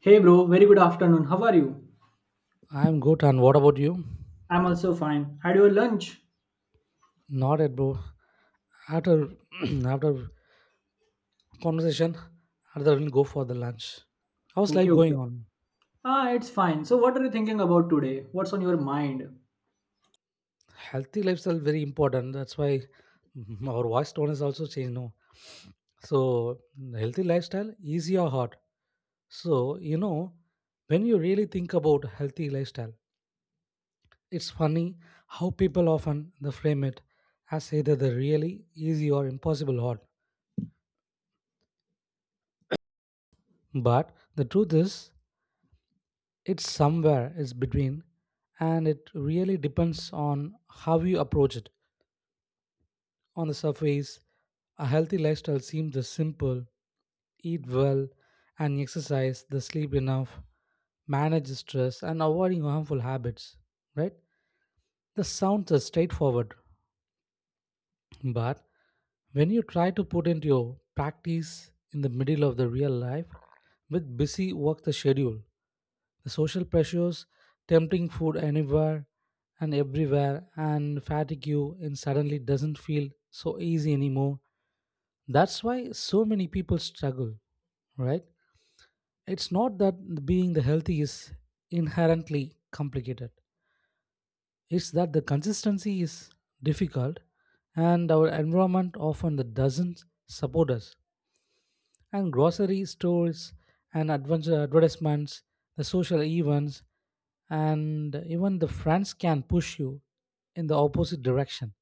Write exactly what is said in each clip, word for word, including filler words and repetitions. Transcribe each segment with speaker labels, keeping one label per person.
Speaker 1: Hey bro, very good afternoon. How are you?
Speaker 2: I'm good, and what about you?
Speaker 1: I'm also fine. Had your lunch?
Speaker 2: Not yet, bro. After after conversation, rather than go for the lunch. How's
Speaker 1: Okay,
Speaker 2: life
Speaker 1: okay.
Speaker 2: going on?
Speaker 1: Ah, it's fine. So, what are you thinking about today? What's on your mind?
Speaker 2: Healthy lifestyle very important. That's why mm, our voice tone is also changed now. So healthy lifestyle easy or hard. So you know when you really think about healthy lifestyle, it's funny how people often they frame it as either the really easy or impossible hard. But the truth is, it's somewhere is between, and it really depends on how you approach it. On the surface, a healthy lifestyle seems the simple eat well and exercise, the sleep enough, manage stress, and avoiding harmful habits. Right? The sounds are straightforward, but when you try to put into your practice in the middle of the real life with busy work the schedule, the social pressures, tempting food anywhere and everywhere, and fatigue you, and suddenly doesn't feel so easy anymore. That's why so many people struggle, right? It's not that being the healthy is inherently complicated. It's that the consistency is difficult and our environment often that doesn't support us and grocery stores and adventure advertisements, the social events, and even the friends can push you in the opposite direction.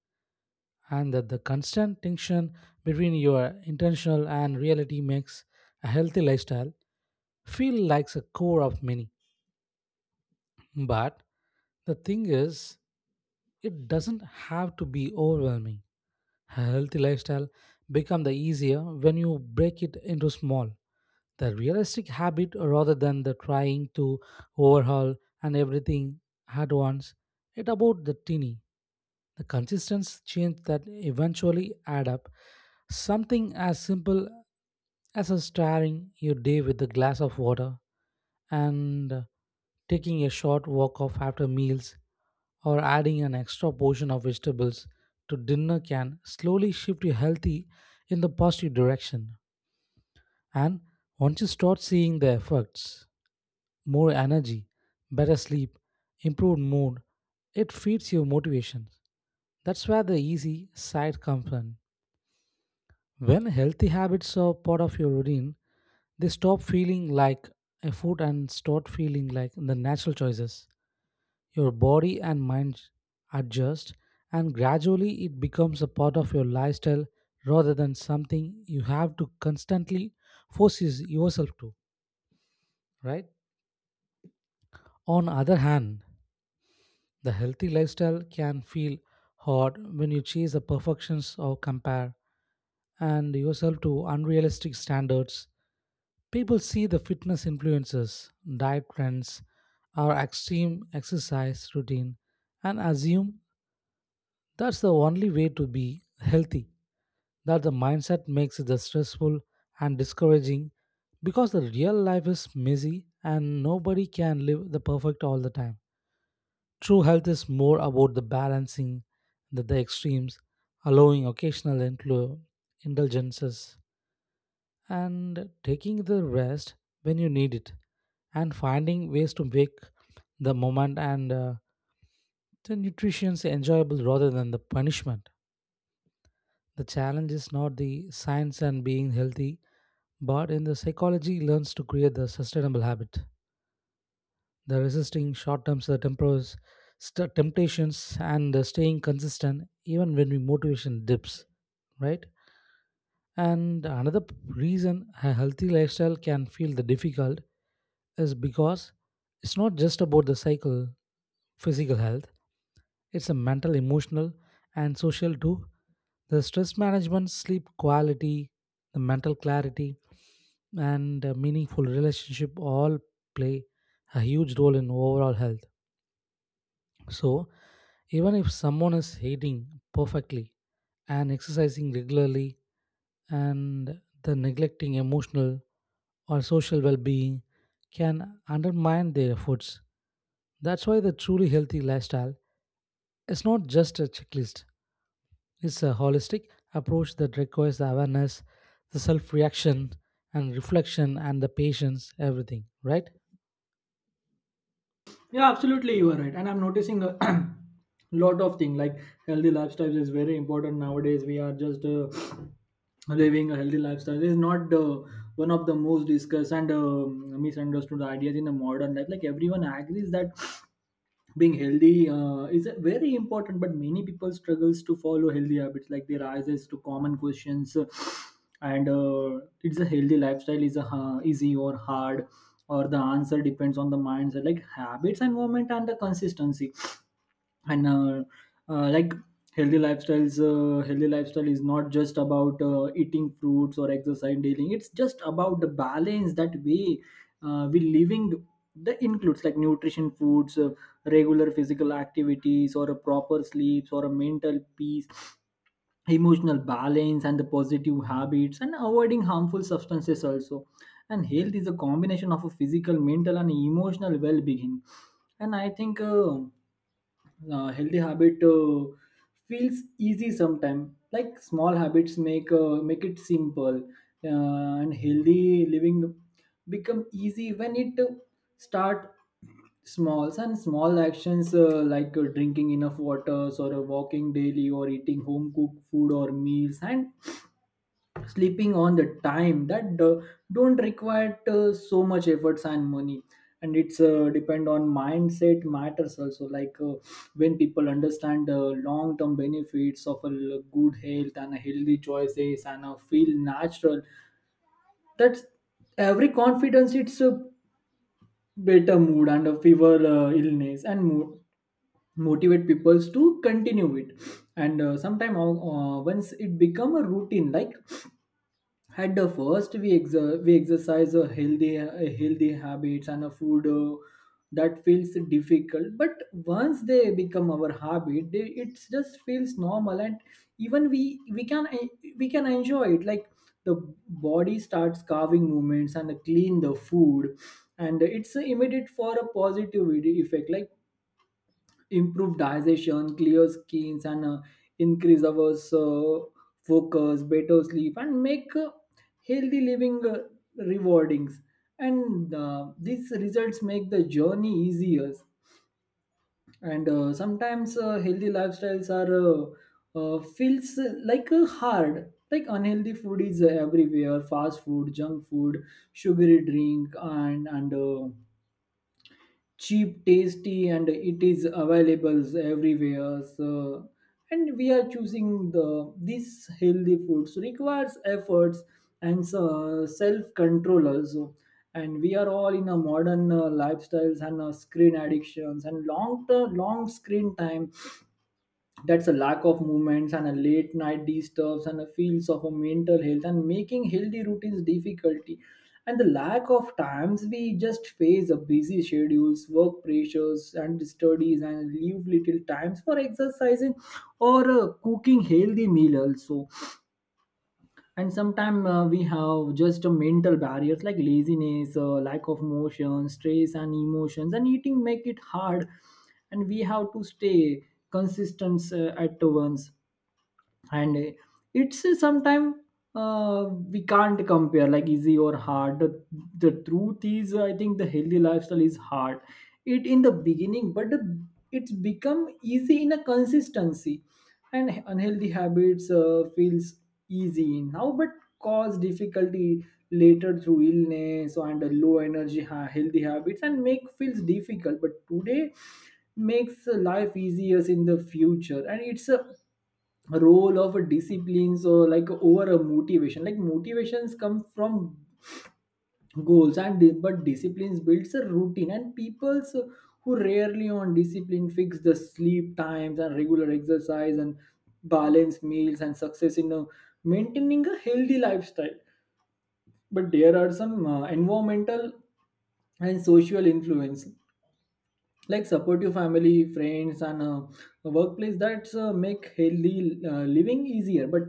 Speaker 2: And that the constant tension between your intentional and reality makes a healthy lifestyle feel like a core of many. But the thing is, it doesn't have to be overwhelming. A healthy lifestyle become the easier when you break it into small the realistic habit rather than the trying to overhaul and everything at once. It about the tinny. The consistency change that eventually add up. Something as simple as a starting your day with a glass of water and taking a short walk off after meals or adding an extra portion of vegetables to dinner can slowly shift you healthy in the positive direction. And once you start seeing the effects, more energy, better sleep, improved mood, it feeds your motivation. That's where the easy side comes in. When healthy habits are part of your routine, they stop feeling like a food and start feeling like the natural choices. Your body and mind adjust, and gradually it becomes a part of your lifestyle rather than something you have to constantly force yourself to, right? On other hand, the healthy lifestyle can feel hard when you chase the perfections or compare and yourself to unrealistic standards. People see the fitness influences, diet trends, or extreme exercise routine and assume that's the only way to be healthy. That the mindset makes it stressful and discouraging because the real life is messy and nobody can live the perfect all the time. True health is more about the balancing the, the extremes, allowing occasional inclu- indulgences, and taking the rest when you need it, and finding ways to make the moment and uh, the nutrition enjoyable rather than the punishment. The challenge is not the science and being healthy, but in the psychology learns to create the sustainable habit, the resisting short-term uh, tempers, st- temptations and uh, staying consistent even when we motivation dips, right? And another p- reason a healthy lifestyle can feel the difficult is because it's not just about the cycle physical health, it's a mental, emotional, and social too. The stress management, sleep quality, the mental clarity, and a meaningful relationship all play a huge role in overall health. So, even if someone is eating perfectly and exercising regularly, and the neglecting emotional or social well being can undermine their efforts. That's why the truly healthy lifestyle is not just a checklist, it's a holistic approach that requires the awareness, the self reaction, and reflection, and the patience, everything, right?
Speaker 1: Yeah, absolutely, you are right. And I'm noticing a lot of things like healthy lifestyles is very important nowadays. We are just uh, living a healthy lifestyle. This is not uh, one of the most discussed and um misunderstood ideas in the modern life. Like everyone agrees that being healthy uh, is a very important, but many people struggles to follow healthy habits, like they rises to common questions, uh, and uh, it's a healthy lifestyle is a ha- easy or hard, or the answer depends on the mindset, like habits and moment and the consistency, and uh, uh, like healthy lifestyles uh, healthy lifestyle is not just about uh, eating fruits or exercise daily, it's just about the balance that we uh, we living, that includes like nutrition foods, uh, regular physical activities or a proper sleeps or a mental peace, emotional balance and the positive habits, and avoiding harmful substances also. And health is a combination of a physical, mental and emotional well-being. And I think uh, uh, healthy habit uh, feels easy sometimes, like small habits make uh, make it simple. Uh, and healthy living become easy when it uh, start smalls and small actions, uh, like uh, drinking enough waters or uh, walking daily or eating home cooked food or meals and sleeping on the time, that do- don't require uh, so much efforts and money. And it's uh, depend on mindset matters also, like uh, when people understand the long term benefits of a l- good health and a healthy choices, and uh, feel natural. That's every confidence, it's a better mood and a fever uh, illness and mood motivate peoples to continue it. And uh, sometime, uh, uh, once it become a routine, like at the first we, exer- we exercise a healthy a healthy habits and a food, uh, that feels difficult, but once they become our habit, they, it just feels normal, and even we we can we can enjoy it, like the body starts carving movements and clean the food. And it's immediate for a positive effect, like improved digestion, clear skins, and uh, increase our uh, focus, better sleep, and make uh, healthy living uh, rewardings. And uh, these results make the journey easier. And uh, sometimes uh, healthy lifestyles are uh, uh, feels like uh, hard. Like unhealthy food is uh, everywhere: fast food, junk food, sugary drink, and and uh, cheap, tasty, and it is available everywhere. So, and we are choosing the these healthy foods requires efforts, and so self-control also. And we are all in a modern uh, lifestyles and uh, screen addictions and long long screen time. That's a lack of movements and a late night disturbs and a feels of a mental health, and making healthy routines difficulty. And the lack of times, we just face a busy schedules, work pressures and studies, and leave little times for exercising or uh, cooking healthy meal also. And sometimes uh, we have just a mental barriers, like laziness, uh, lack of motion, stress and emotions and eating make it hard. And we have to stay consistent uh, at once. And uh, it's sometimes, uh, we can't compare like easy or hard. The, the truth is I think the healthy lifestyle is hard it in the beginning, but the, it's become easy in a consistency. And unhealthy habits uh, feels easy now but cause difficulty later through illness, and the low energy ha- healthy habits and make feels difficult but today makes life easier in the future. And it's a role of a disciplines or like over a motivation, like motivations come from goals and di- but disciplines builds a routine, and people's who rarely on discipline fix the sleep times and regular exercise and balanced meals and success in uh, maintaining a healthy lifestyle. But there are some uh, environmental and social influence, like supportive family, friends, and uh, a workplace that's uh, make healthy uh, living easier. But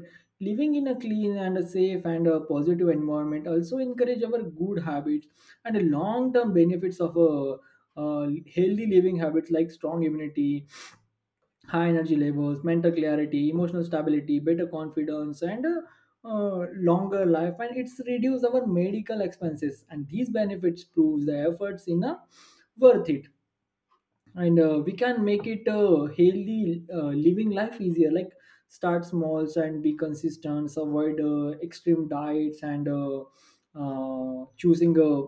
Speaker 1: living in a clean and a safe and a positive environment also encourage our good habits. And the long term benefits of a uh, healthy living habits, like strong immunity, high energy levels, mental clarity, emotional stability, better confidence, and uh, uh, longer life, and it's reduce our medical expenses. And these benefits proves the efforts in a worth it. And uh, we can make it a healthy uh, living life easier, like start smalls and be consistent, avoid uh, extreme diets, and uh, uh, choosing a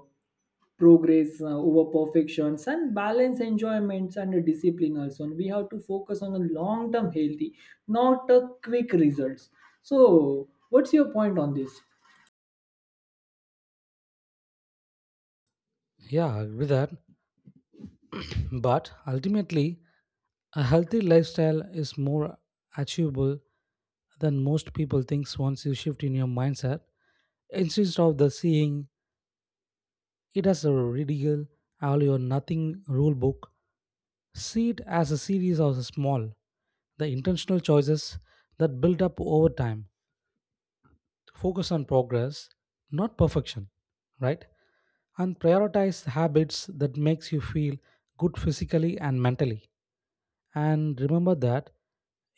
Speaker 1: progress uh, over perfections, and balance enjoyments and uh, discipline also. And we have to focus on a long term healthy, not a quick results. So what's your point on this?
Speaker 2: Yeah, I agree with that. But ultimately, a healthy lifestyle is more achievable than most people thinks once you shift in your mindset instead of the seeing it has a ridiculous all or nothing rule book. See it as a series of small, the intentional choices that build up over time. Focus on progress, not perfection, right? And prioritize habits that makes you feel good physically and mentally. And remember that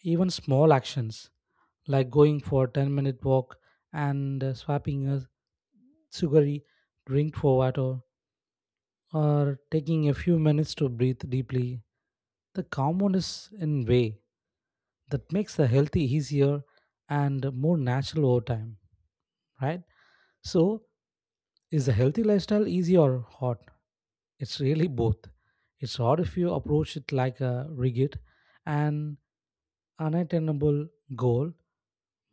Speaker 2: even small actions like going for a ten minute walk and uh, swapping a sugary drink for water or taking a few minutes to breathe deeply, the compound is in way that makes the healthy easier and more natural over time, right? So, is a healthy lifestyle easy or hard? It's really both. It's hard if you approach it like a rigid and unattainable goal,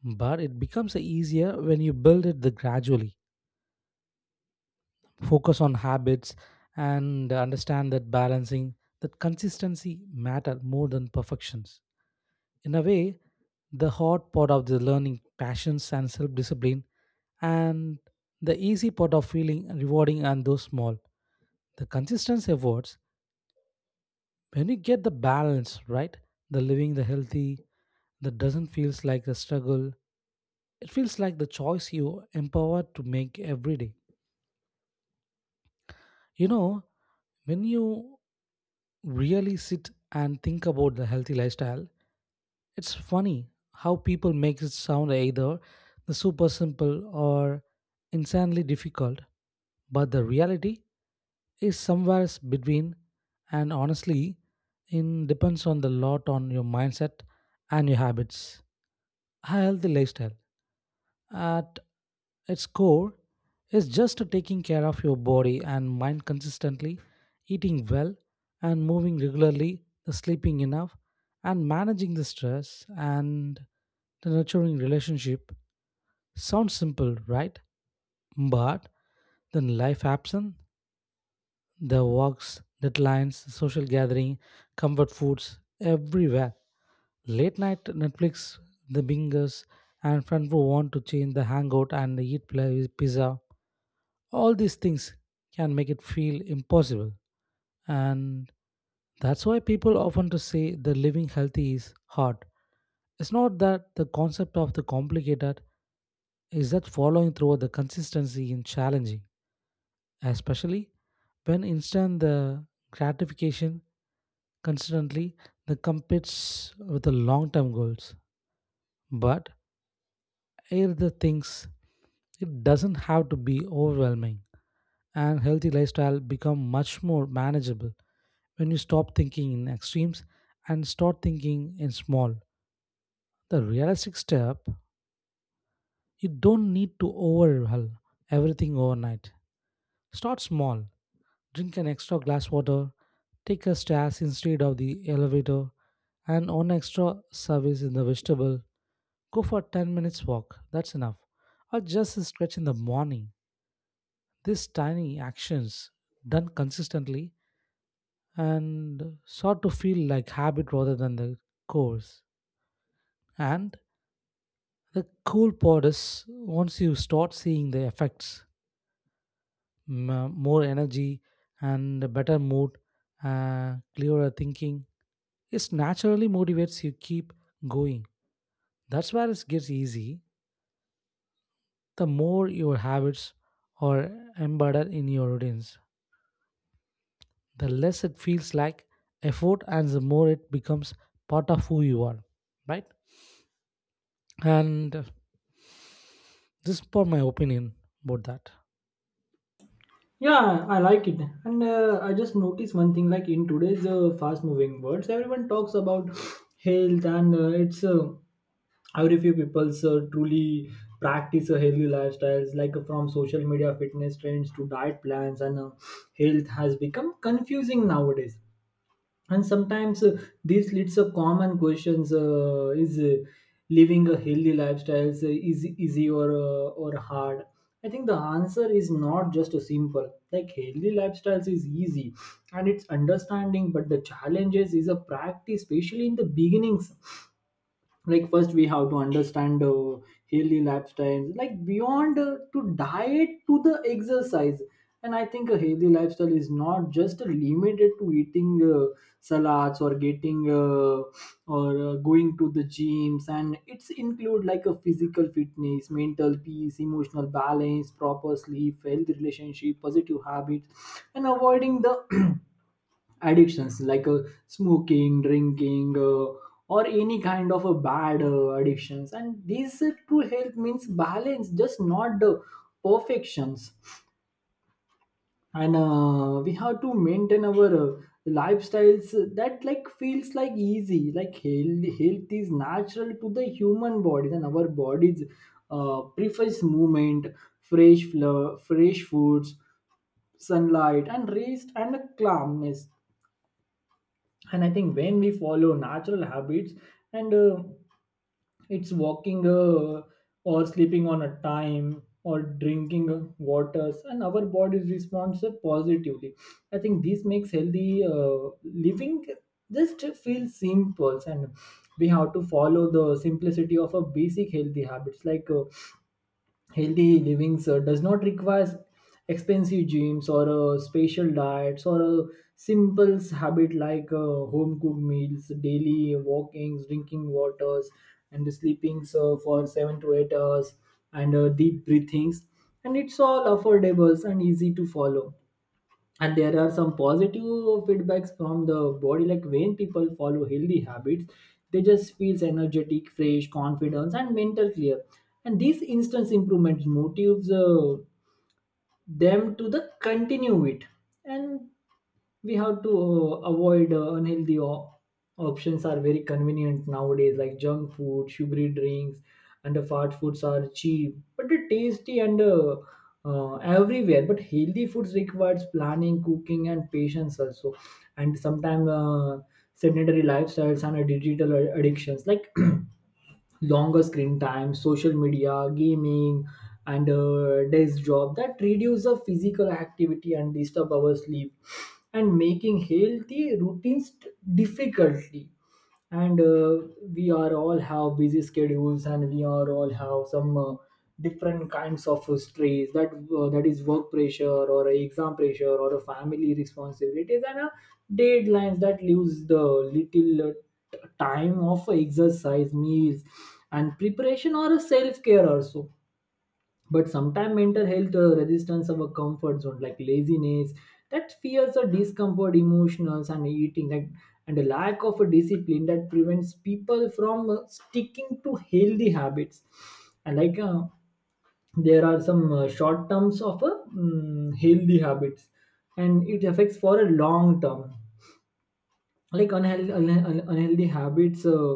Speaker 2: but it becomes easier when you build it the gradually. Focus on habits and understand that balancing that consistency matter more than perfections. In a way the hard part of the learning passions and self-discipline and the easy part of feeling rewarding and those small the consistency efforts when you get the balance right the living the healthy that doesn't feels like a struggle, it feels like the choice you empowered to make every day, you know, when you really sit and think about the healthy lifestyle, it's funny how people make it sound either the super simple or insanely difficult, but the reality is somewhere s- between and honestly it depends on the lot on your mindset and your habits. A healthy lifestyle at its core is just taking care of your body and mind consistently, eating well and moving regularly, the sleeping enough and managing the stress and the nurturing relationship. Sounds simple, right? But then life happens, the walks, deadlines, social gathering, comfort foods, everywhere. Late night Netflix, the bingers, and friends who want to change the hangout and eat pla- pizza. All these things can make it feel impossible. And that's why people often to say the living healthy is hard. It's not that the concept of the complicated, is that following through the consistency in challenging, especially when instant the gratification constantly that competes with the long-term goals. But here the things, it doesn't have to be overwhelming and healthy lifestyle become much more manageable when you stop thinking in extremes and start thinking in small. The realistic step, you don't need to overhaul everything overnight. Start small. Drink an extra glass water. Take a stairs instead of the elevator and on extra service in the vegetable. Go for ten minutes walk, that's enough. Or just a stretch in the morning. These tiny actions done consistently and sort to feel like habit rather than the course. And the cool part is once you start seeing the effects, m- more energy and a better mood, uh, clearer thinking, it naturally motivates you keep going. That's where it gets easy. The more your habits are embedded in your routines, the less it feels like effort and the more it becomes part of who you are, right? And uh, this is for my opinion about that.
Speaker 1: Yeah, I like it. And uh, I just noticed one thing, like in today's uh, fast moving words, everyone talks about health, and uh, it's uh, very few people uh, truly practice a healthy lifestyles, like uh, from social media fitness trends to diet plans, and uh, health has become confusing nowadays. And sometimes uh, this leads to common questions, uh, is uh, living a healthy lifestyle is uh, easy, easy or uh, or hard. I think the answer is not just a simple, like healthy lifestyles is easy and it's understanding, but the challenges is a practice, especially in the beginnings. Like first we have to understand uh, healthy lifestyles, like beyond uh, to diet to the exercise. And I think a healthy lifestyle is not just limited to eating uh, salads or getting uh, or uh, going to the gyms, and it's include like a physical fitness, mental peace, emotional balance, proper sleep, healthy relationship, positive habits, and avoiding the addictions, like uh, smoking, drinking, uh, or any kind of a bad uh, addictions. And these uh, true health means balance, just not the perfections. And uh, we have to maintain our uh, lifestyles that like feels like easy, like health, health is natural to the human bodies, and our bodies uh, prefers movement, fresh flow, fresh foods, sunlight and rest and calmness. And I think when we follow natural habits, and uh, it's walking, uh, or sleeping on a time or drinking uh, waters, and our body responds uh, positively. I think this makes healthy uh, living just feel simple. And we have to follow the simplicity of a basic healthy habits, like uh, healthy living uh, does not require expensive gyms or uh, special diets, or uh, simple habit like uh, home cooked meals, daily walkings, drinking waters, and sleeping so for seven to eight hours, and uh, deep breathings, and it's all affordable and easy to follow. And there are some positive feedbacks from the body, like when people follow healthy habits, they just feels energetic, fresh, confidence, and mental clear. And these instant improvements motives uh, them to the continue it. And we have to uh, avoid uh, unhealthy o- options are very convenient nowadays, like junk food, sugary drinks, and the fast foods are cheap but they're tasty and uh, uh, everywhere. But healthy foods requires planning, cooking and patience also. And sometimes uh, sedentary lifestyles and uh, digital uh, addictions, like longer screen time, social media, gaming, and uh, desk job, that reduce the physical activity and disturb our sleep, and making healthy routines difficultly. And uh, we are all have busy schedules, and we are all have some uh, different kinds of uh, stress, that uh, that is work pressure or a exam pressure or a family responsibilities, and uh, deadlines that leaves the little uh, t- time of exercise, meals and preparation, or a self care also. But sometimes mental health uh, resistance of a comfort zone, like laziness, that fears or discomfort emotionals and eating like, and a lack of a discipline that prevents people from uh, sticking to healthy habits. And like uh, there are some uh, short terms of a mm, healthy habits, and it affects for a long term. Like unhealthy un- unhealthy habits uh,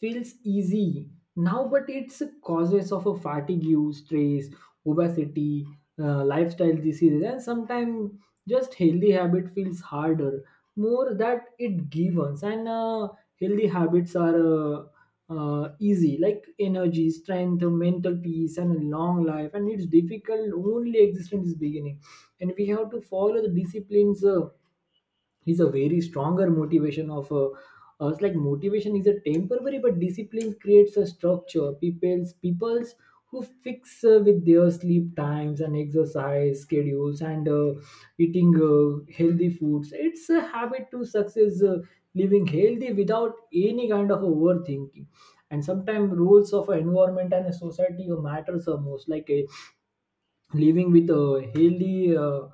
Speaker 1: feels easy now, but it's causes of a fatigue, use stress, obesity, uh, lifestyle diseases. And sometimes just healthy habit feels harder more that it gives. And uh, healthy habits are uh, uh, easy, like energy, strength, mental peace and a long life, and it's difficult only existence is beginning. And we have to follow the disciplines, uh, is a very stronger motivation of a uh, us, like motivation is a temporary but discipline creates a structure. People's people's who fix uh, with their sleep times and exercise schedules, and uh, eating uh, healthy foods, it's a habit to success uh, living healthy without any kind of overthinking. And sometimes rules of a environment and a society matters the most, like a living with a healthy uh,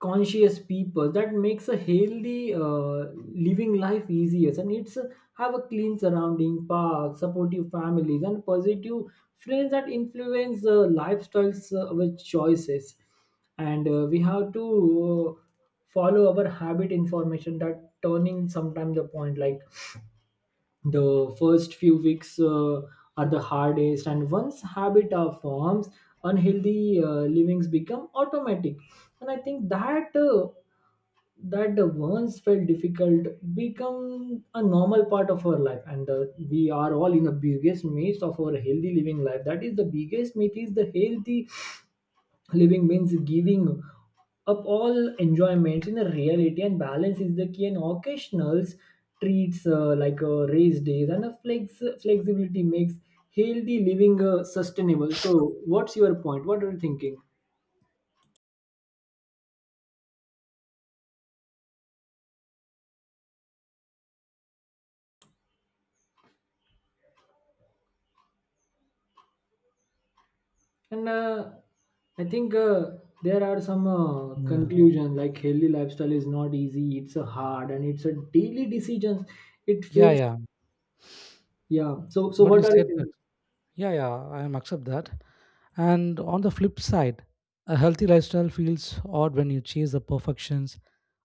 Speaker 1: conscious people, that makes A healthy uh, living life easier, and it's uh, have a clean surrounding, park, supportive families, and positive friends that influence uh, lifestyles uh, with choices. And uh, we have to uh, follow our habit information that turning sometimes the point, like the first few weeks uh, are the hardest, and once habit are forms, unhealthy uh, livings become automatic. And I think that uh, that the once felt difficult become a normal part of our life. And the, we are all in the biggest myth of our healthy living life, that is, the biggest myth is the healthy living means giving up all enjoyment. In a reality, and balance is the key, and occasionals treats uh, like uh, race days and a flex flexibility makes healthy living uh, sustainable. So what's your point, what are you thinking? And uh, I think uh, there are some uh,
Speaker 2: Yeah.
Speaker 1: conclusion, like healthy lifestyle is not easy. It's a hard, and it's a daily decision. It
Speaker 2: Yeah,
Speaker 1: feels
Speaker 2: yeah.
Speaker 1: yeah. So so
Speaker 2: What
Speaker 1: what
Speaker 2: you
Speaker 1: are you
Speaker 2: said that.
Speaker 1: thinking?
Speaker 2: Yeah, yeah, I am accept that. And on the flip side, a healthy lifestyle feels odd when you chase the perfections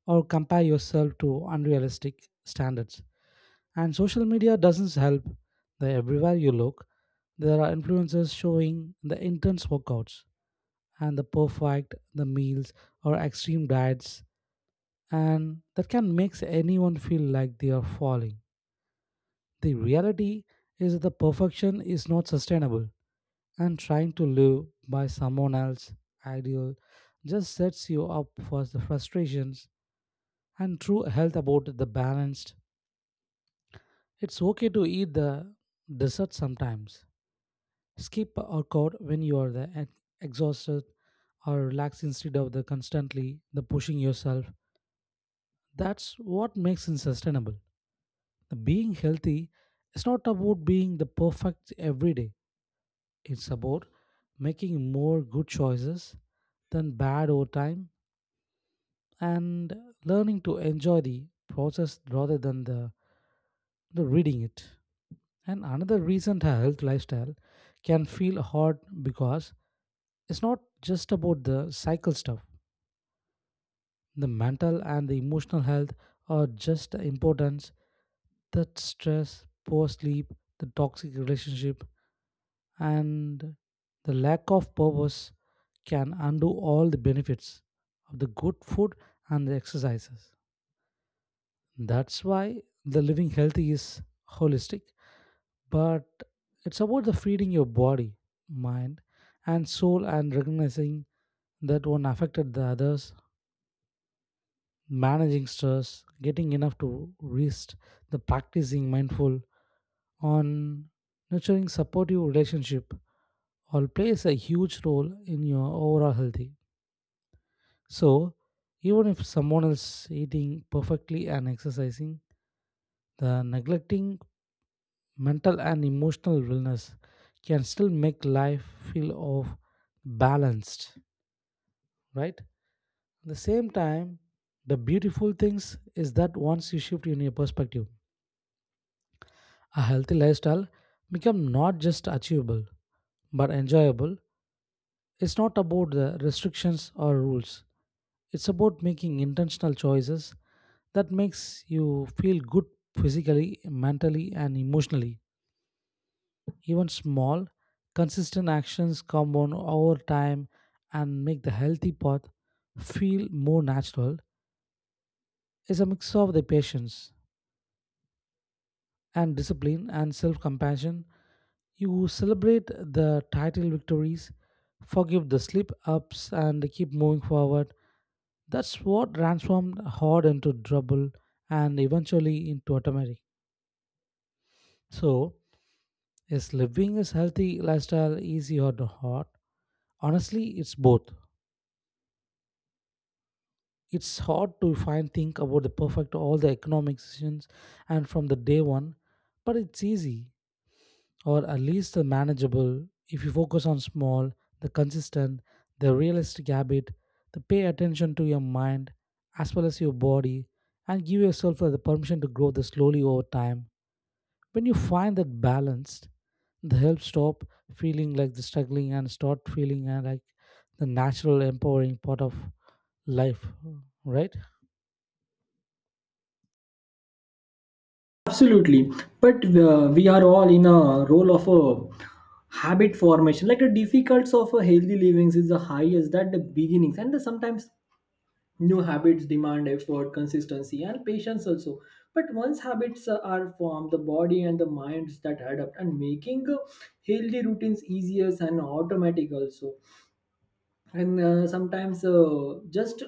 Speaker 2: or compare yourself to unrealistic standards. And social media doesn't help. There everywhere you look, there are influencers showing the intense workouts and the perfect the meals or extreme diets and that can make anyone feel like they are falling. The reality is that the perfection is not sustainable and trying to live by someone else's ideal just sets you up for the frustrations and true health about the balanced. It's okay to eat the dessert sometimes. Skip a workout when you are the ex- exhausted or relaxed instead of the constantly the pushing yourself. That's what makes it sustainable. The being healthy is not about being the perfect every day. It's about making more good choices than bad over time and learning to enjoy the process rather than the, the reading it. And another reason a health lifestyle can feel hard because it's not just about the cycle stuff. The mental and the emotional health are just as important. That stress, poor sleep, the toxic relationship, and the lack of purpose can undo all the benefits of the good food and the exercises. That's why the living healthy is holistic, but it's about the feeding your body, mind, and soul and recognizing that one affected the others, managing stress, getting enough to rest, the practicing mindful on nurturing supportive relationship all plays a huge role in your overall healthy. So even if someone is eating perfectly and exercising, the neglecting mental and emotional wellness can still make life feel of balanced, right? At the same time, the beautiful things is that once you shift in your perspective, a healthy lifestyle becomes not just achievable but enjoyable. It's not about the restrictions or rules. It's about making intentional choices that makes you feel good physically, mentally and emotionally. Even small, consistent actions compound over time and make the healthy path feel more natural. It's a mix of the patience, and discipline and self compassion. You celebrate the title victories, forgive the slip ups, and keep moving forward. That's what transformed hard into trouble and eventually into automatic. So, is living a healthy lifestyle easy or hard? Honestly, it's both. It's hard to find think about the perfect all the economic decisions and from the day one, but it's easy or at least the manageable if you focus on small the consistent the realistic habit, the pay attention to your mind as well as your body and give yourself the permission to grow this slowly over time. When you find that balanced, the help stop feeling like the struggling and start feeling uh, like the natural empowering part of life, right?
Speaker 1: Absolutely, but uh, we are all in a role of a habit formation. Like the difficulties of a healthy living is the highest that the beginnings, and the sometimes new habits demand effort, consistency, and patience also. But once habits uh, are formed, the body and the minds that adapt, and making uh, healthy routines easier and automatic also. And uh, sometimes uh, just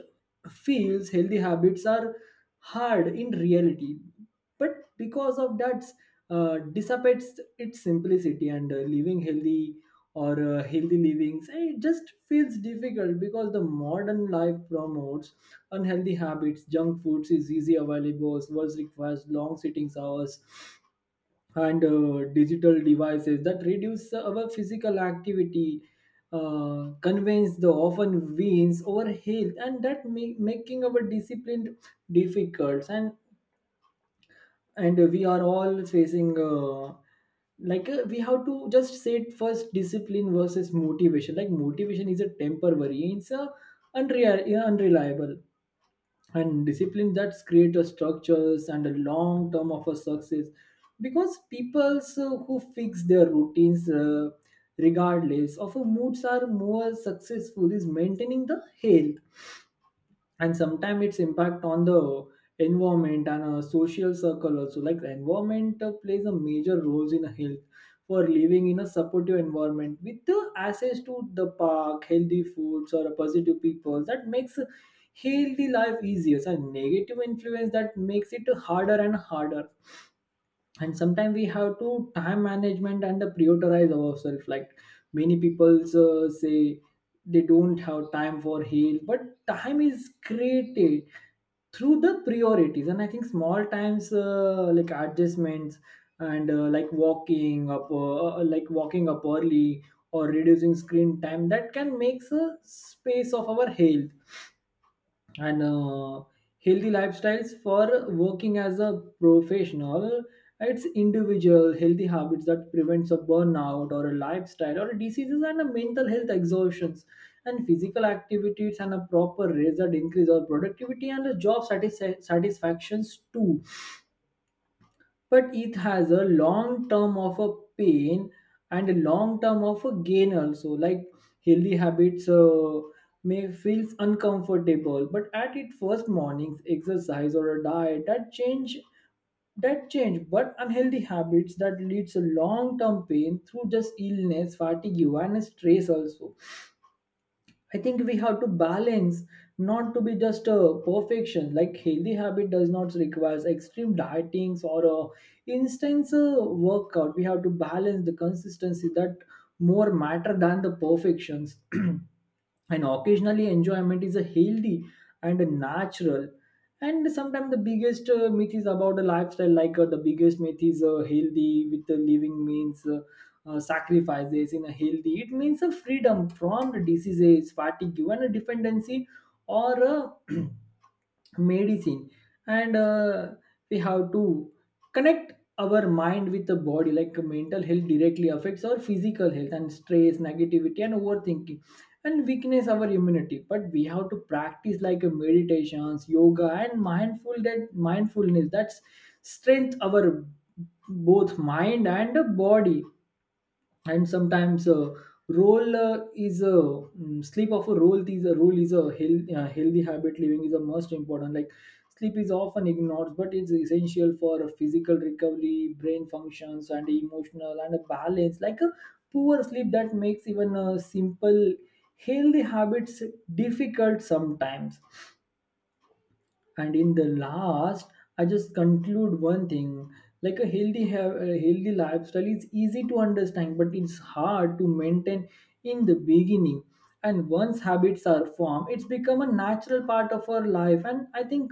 Speaker 1: feels healthy habits are hard in reality, but because of that uh, dissipates its simplicity. And uh, living healthy, or uh, healthy livings eh, it just feels difficult because the modern life promotes unhealthy habits, junk foods is easy available, words requires long sitting hours, and uh, digital devices that reduce our physical activity, uh, conveys the often wins over health, and that make, making our discipline difficult. And and we are all facing uh, like uh, we have to just set first discipline versus motivation. Like motivation is a temporary, it's a unreal, unreliable, and discipline that's create a structures and a long term of a success, because people so, who fix their routines uh, regardless of a moods are more successful is maintaining the health. And sometimes its impact on the environment and a social circle also, like the environment uh, plays a major roles in health. For living in a supportive environment with the access to the park, healthy foods, or a positive people, that makes healthy life easier, and negative influence that makes it harder and harder. And sometimes we have to time management and the prioritize ourselves. Like many people uh, say they don't have time for heal, but time is created through the priorities. And I think small times uh, like adjustments, and uh, like walking up uh, uh, like walking up early or reducing screen time, that can make a space of our health. And uh, Healthy lifestyles for working as a professional, it's individual healthy habits that prevents a burnout or a lifestyle or diseases and a mental health exhaustions, and physical activities and a proper rest that increase our productivity and the job satisfa- satisfactions too. But it has a long term of a pain and a long term of a gain also. Like healthy habits uh, may feels uncomfortable but at its first mornings exercise or a diet that change that change, but unhealthy habits that leads to long term pain through just illness, fatigue, and stress also. I think we have to balance, not to be just a perfection. Like healthy habit does not require extreme dietings or a instance uh, workout. We have to balance the consistency that more matter than the perfections. And occasionally enjoyment is a healthy and a natural. And sometimes the biggest uh, myth is about the lifestyle, like uh, the biggest myth is uh, healthy with the living means uh, uh, sacrifices. In a healthy, it means a freedom from the diseases, fatigue, even a dependency or a medicine. And uh, We have to connect our mind with the body, like mental health directly affects our physical health, and stress, negativity, and overthinking and weakness our immunity. But we have to practice like a meditations, yoga, and mindful that mindfulness, that's strength our both mind and body. And sometimes uh, roll uh, is a mm, sleep of a role, is a role is a health, uh, healthy habit living is a most important. Like sleep is often ignored, but it's essential for physical recovery, brain functions, and emotional and a balance. Like a poor sleep that makes even a simple healthy habits difficult sometimes. And in the last, I just conclude one thing, like a healthy ha- a healthy lifestyle is easy to understand, but it's hard to maintain in the beginning. And once habits are formed, it's become a natural part of our life. And I think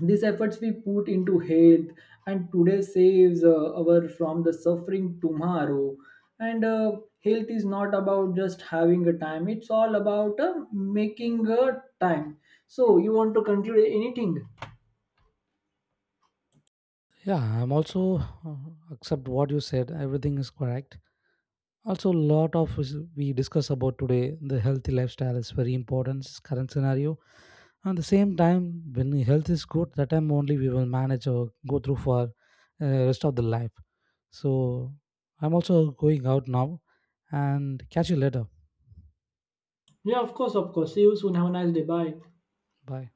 Speaker 1: these efforts we put into health and today saves uh, our from the suffering tomorrow. And uh, Health is not about just having a time, it's all about uh, making a time. So you want to conclude anything?
Speaker 2: Yeah, I'm also uh, accept what you said, everything is correct. Also a lot of is- we discuss about today, the healthy lifestyle is very important s- current scenario. And the same time, when the health is good that time only we will manage or go through for uh, rest of the life. So I'm also going out now and catch you later.
Speaker 1: Yeah, of course, of course. See you soon. Have a nice day. Bye.
Speaker 2: Bye.